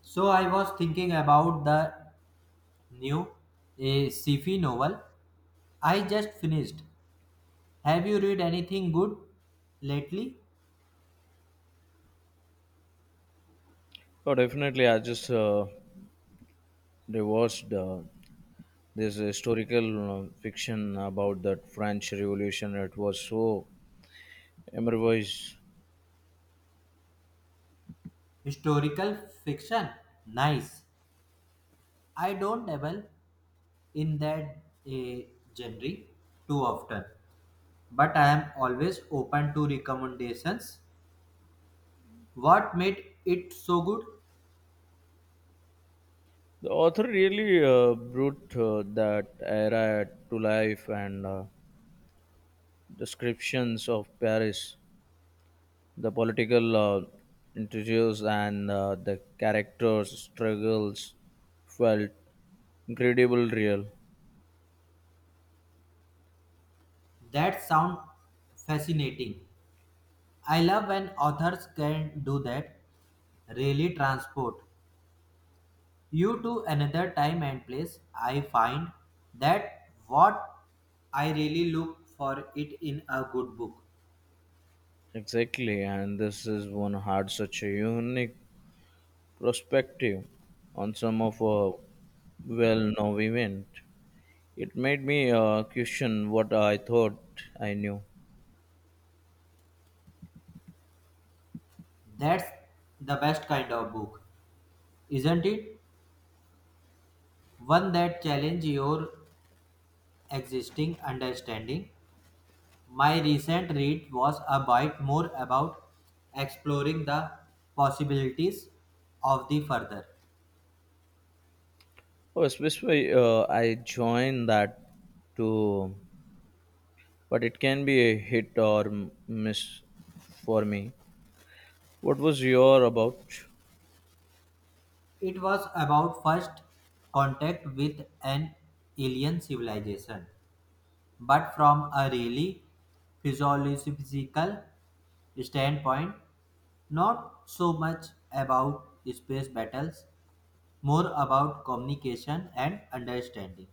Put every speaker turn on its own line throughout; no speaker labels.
So I was thinking about the new a sci-fi novel I just finished. Have you read anything good lately?
Oh, definitely. I just rewatched this historical fiction about that French Revolution. It was so improvised.
Historical fiction. Nice. I don't dabble in that a genre too often, but I am always open to recommendations. What made it so good?
The author really brought that era to life and descriptions of Paris, the political intrigues and the characters' struggles felt incredible real.
That sound fascinating. I love when authors can do that, really transport you to another time and place. I find that what I really look for it in a good book.
Exactly, and this is one had such a unique perspective on some of a well-known event. It made me question what I thought I knew.
That's the best kind of book, isn't it? One that challenges your existing understanding. My recent read was a bit more about exploring the possibilities of the further.
Oh, especially I joined that too, but it can be a hit or miss for me. What was your about?
It was about first contact with an alien civilization, but from a really physiological standpoint, not so much about space battles, more about communication and understanding.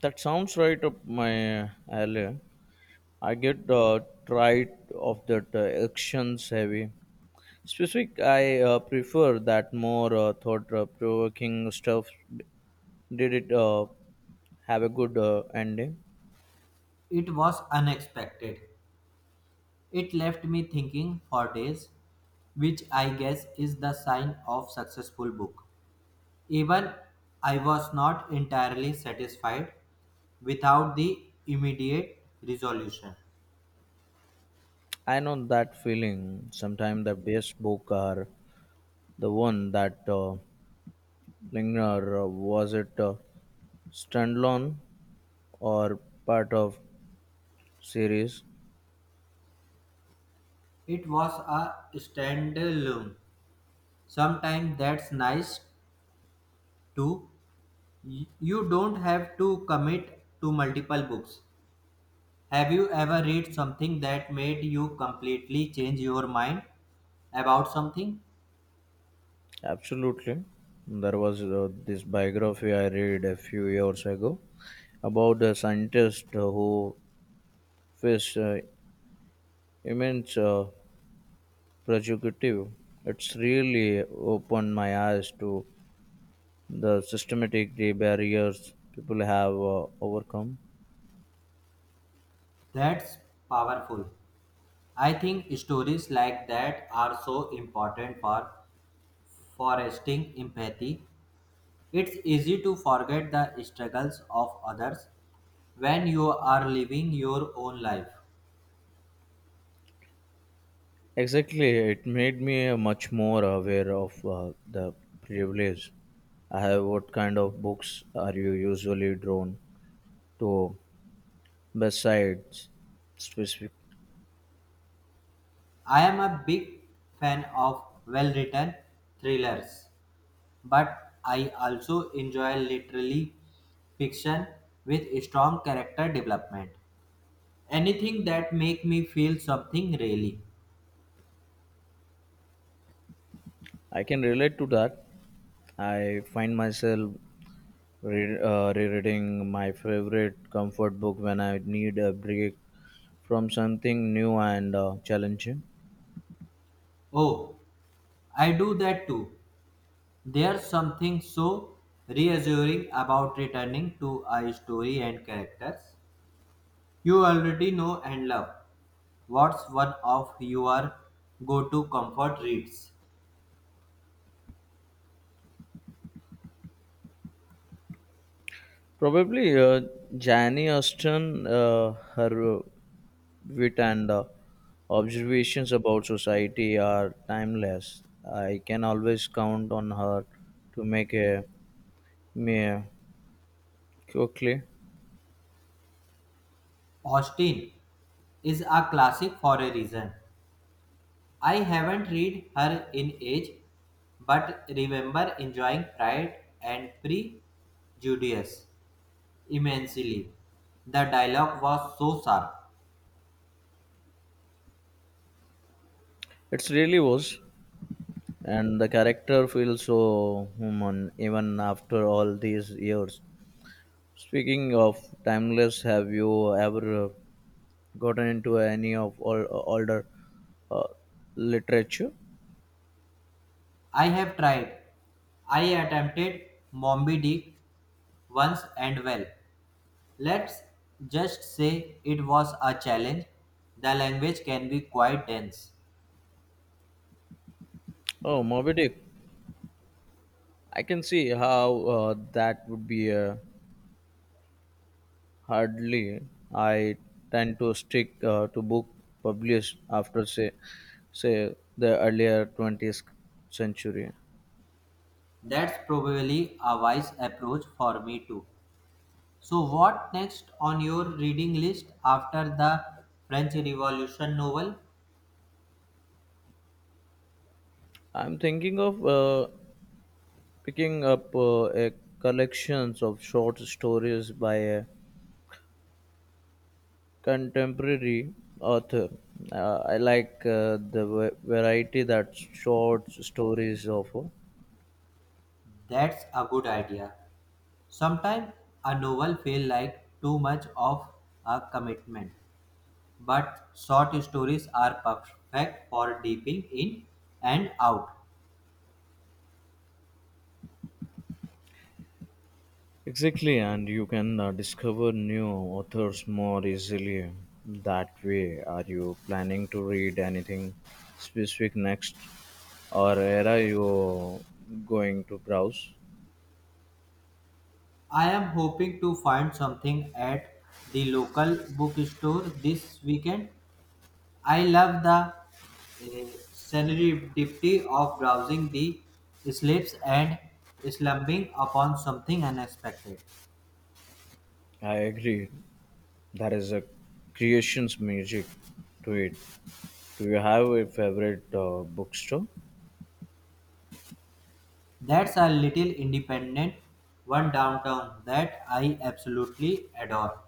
That sounds right up my alley. I get tired of that actions heavy Specific, I prefer that more thought-provoking stuff. Did it have a good ending?
It was unexpected. It left me thinking for days, which I guess is the sign of successful book. Even I was not entirely satisfied without the immediate resolution.
I know that feeling. Sometimes the best book are the one that linger. Was it standalone or part of series?
It was a standalone. Sometimes that's nice too. You don't have to commit to multiple books. Have you ever read something that made you completely change your mind about something?
Absolutely. There was this biography I read a few years ago about a scientist who faced immense Provocative. It's really opened my eyes to the systematic the barriers people have overcome.
That's powerful. I think stories like that are so important for fostering empathy. It's easy to forget the struggles of others when you are living your own life.
Exactly, it made me much more aware of the privilege I have. What kind of books are you usually drawn to besides specific?
I am a big fan of well written thrillers, but I also enjoy literary fiction with strong character development. Anything that make me feel something really.
I can relate to that. I find myself rereading my favorite comfort book when I need a break from something new and challenging.
Oh, I do that too. There's something so reassuring about returning to a story and characters you already know and love. What's one of your go to comfort reads?
Probably Jani Austen, her wit and observations about society are timeless. I can always count on her to make a me quickly.
Austin is a classic for a reason. I haven't read her in age, but remember enjoying Pride and Prejudice immensely. The dialogue was so sharp.
It really was, and the character feels so human even after all these years. Speaking of timeless, have you ever gotten into any of all older uh, literature.
I have tried. I attempted Moby Dick once and well. Let's just say it was a challenge. The language can be quite dense.
Oh, Moby Dick. I can see how that would be hardly. I tend to stick to book published after say the earlier 20th century.
That's probably a wise approach for me too. So, what next on your reading list after the French Revolution novel?
I'm thinking of picking up a collections of short stories by a contemporary author. I like the variety that short stories offer.
That's a good idea. Sometimes a novel feels like too much of a commitment, but short stories are perfect for dipping in and out.
Exactly, and you can discover new authors more easily that way. Are you planning to read anything specific next, or are you going to browse?
I am hoping to find something at the local bookstore this weekend. I love the serendipity of browsing the slips and slumping upon something unexpected.
I agree. There is a creation's magic to it. Do you have a favorite bookstore?
That's a little independent one downtown that I absolutely adore.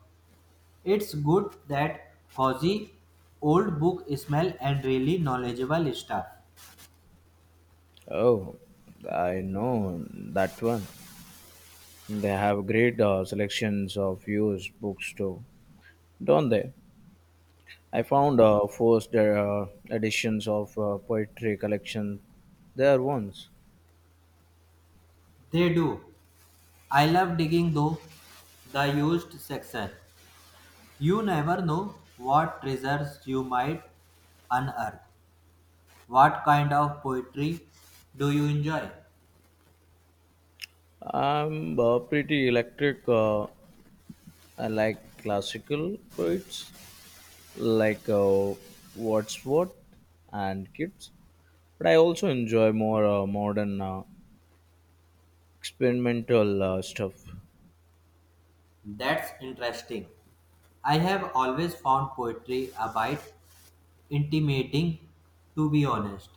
It's good that cozy old book smell and really knowledgeable stuff.
Oh, I know that one. They have great selections of used books too, don't they? I found first editions of poetry collection there once.
They do. I love digging though the used section. You never know what treasures you might unearth. What kind of poetry do you enjoy?
I'm pretty electric. I like classical poets like Wordsworth and Keats, but I also enjoy more modern experimental stuff.
That's interesting. I have always found poetry a bit intimidating, to be honest.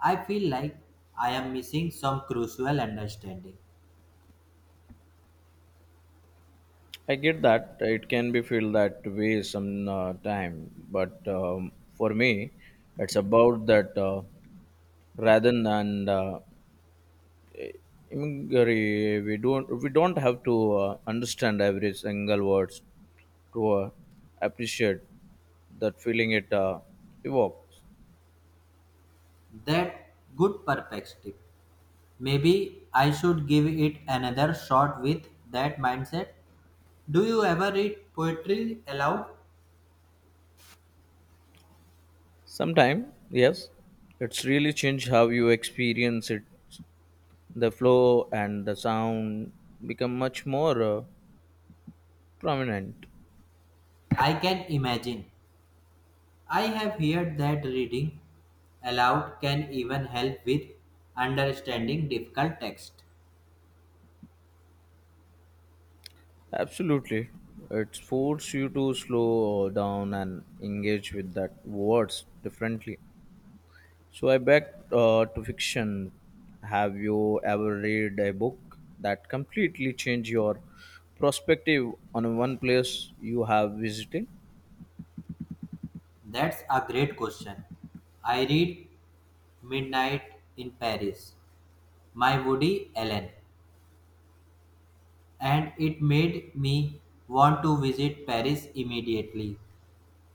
I feel like I am missing some crucial understanding.
I get that it can be feel that way some time, but for me, it's about that rather than Imgari, we don't have to understand every single words to appreciate that feeling it evokes.
That good perspective. Maybe I should give it another shot with that mindset. Do you ever read poetry aloud?
Sometimes, yes, it's really changed how you experience it. The flow and the sound become much more prominent.
I can imagine. I have heard that reading aloud can even help with understanding difficult text.
Absolutely, it forces you to slow down and engage with that words differently. So I back to fiction. Have you ever read a book that completely changed your perspective on one place you have visited?
That's a great question. I read Midnight in Paris by Woody Allen, and it made me want to visit Paris immediately.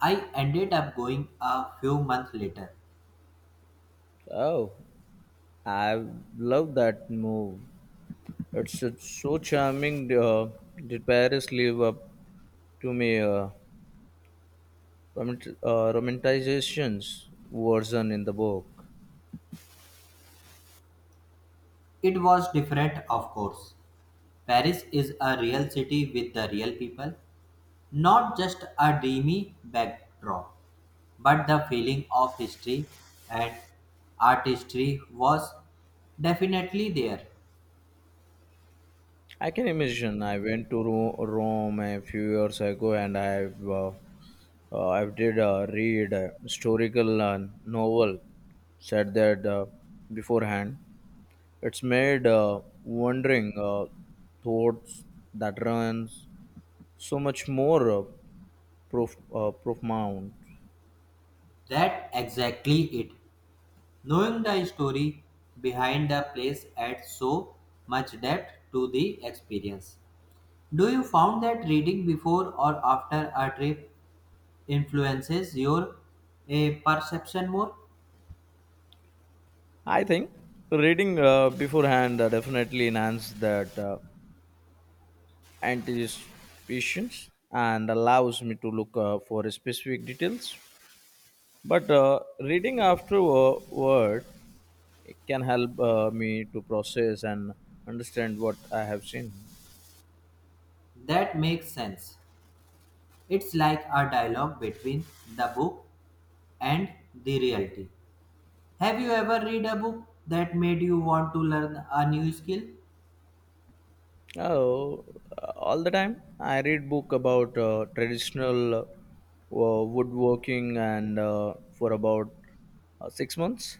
I ended up going a few months later.
Oh, I love that move. It's so charming. Did Paris live up to me? Romantizations version in the book.
It was different, of course. Paris is a real city with the real people, not just a dreamy backdrop. But the feeling of history and artistry was definitely there.
I can imagine. I went to Rome a few years ago, and I've I did read a historical novel, said that beforehand. It's made wondering thoughts that runs so much more profound.
That exactly it. Knowing the story behind the place adds so much depth to the experience. Do you found that reading before or after a trip influences your a perception more?
I think reading beforehand definitely enhances that anticipation and allows me to look for specific details. But reading afterward it can help me to process and understand what I have seen.
That makes sense. It's like a dialogue between the book and the reality. Have you ever read a book that made you want to learn a new skill?
Oh, all the time I read book about traditional woodworking and for about six months,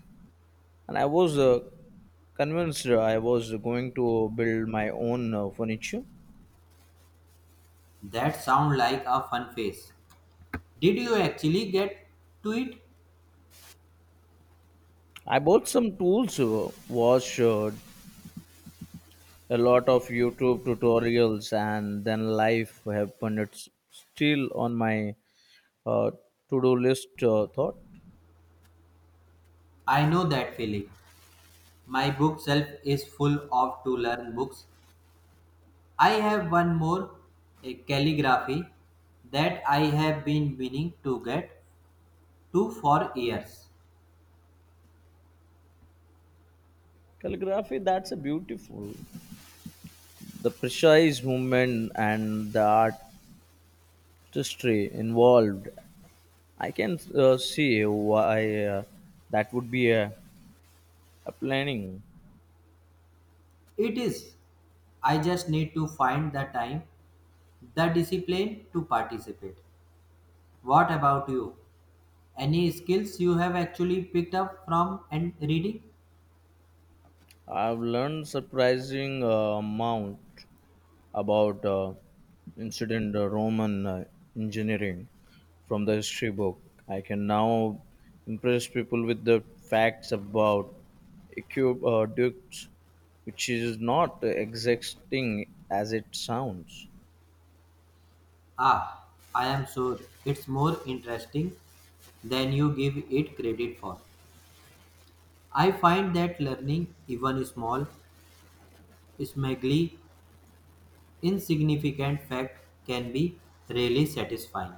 and I was convinced I was going to build my own furniture.
That sound like a fun phase. Did you actually get to it?
I bought some tools, watched a lot of YouTube tutorials, and then life happened. It's still on my uh, to-do list thought
I know that feeling. My bookshelf is full of to learn books. I have one more a calligraphy that I have been meaning to get two for years.
calligraphy that's a beautiful the precise movement and the artistry involved I can see why that would be a planning
It is. I just need to find the time, the discipline to participate. What about you? Any skills you have actually picked up from and reading?
I've learned surprising amount about incident Roman engineering from the history book. I can now impress people with the facts about aqueducts, which is not exacting as it sounds.
Ah, I am sure it's more interesting than you give it credit for. I find that learning, even small, smugly insignificant fact, can be really satisfying.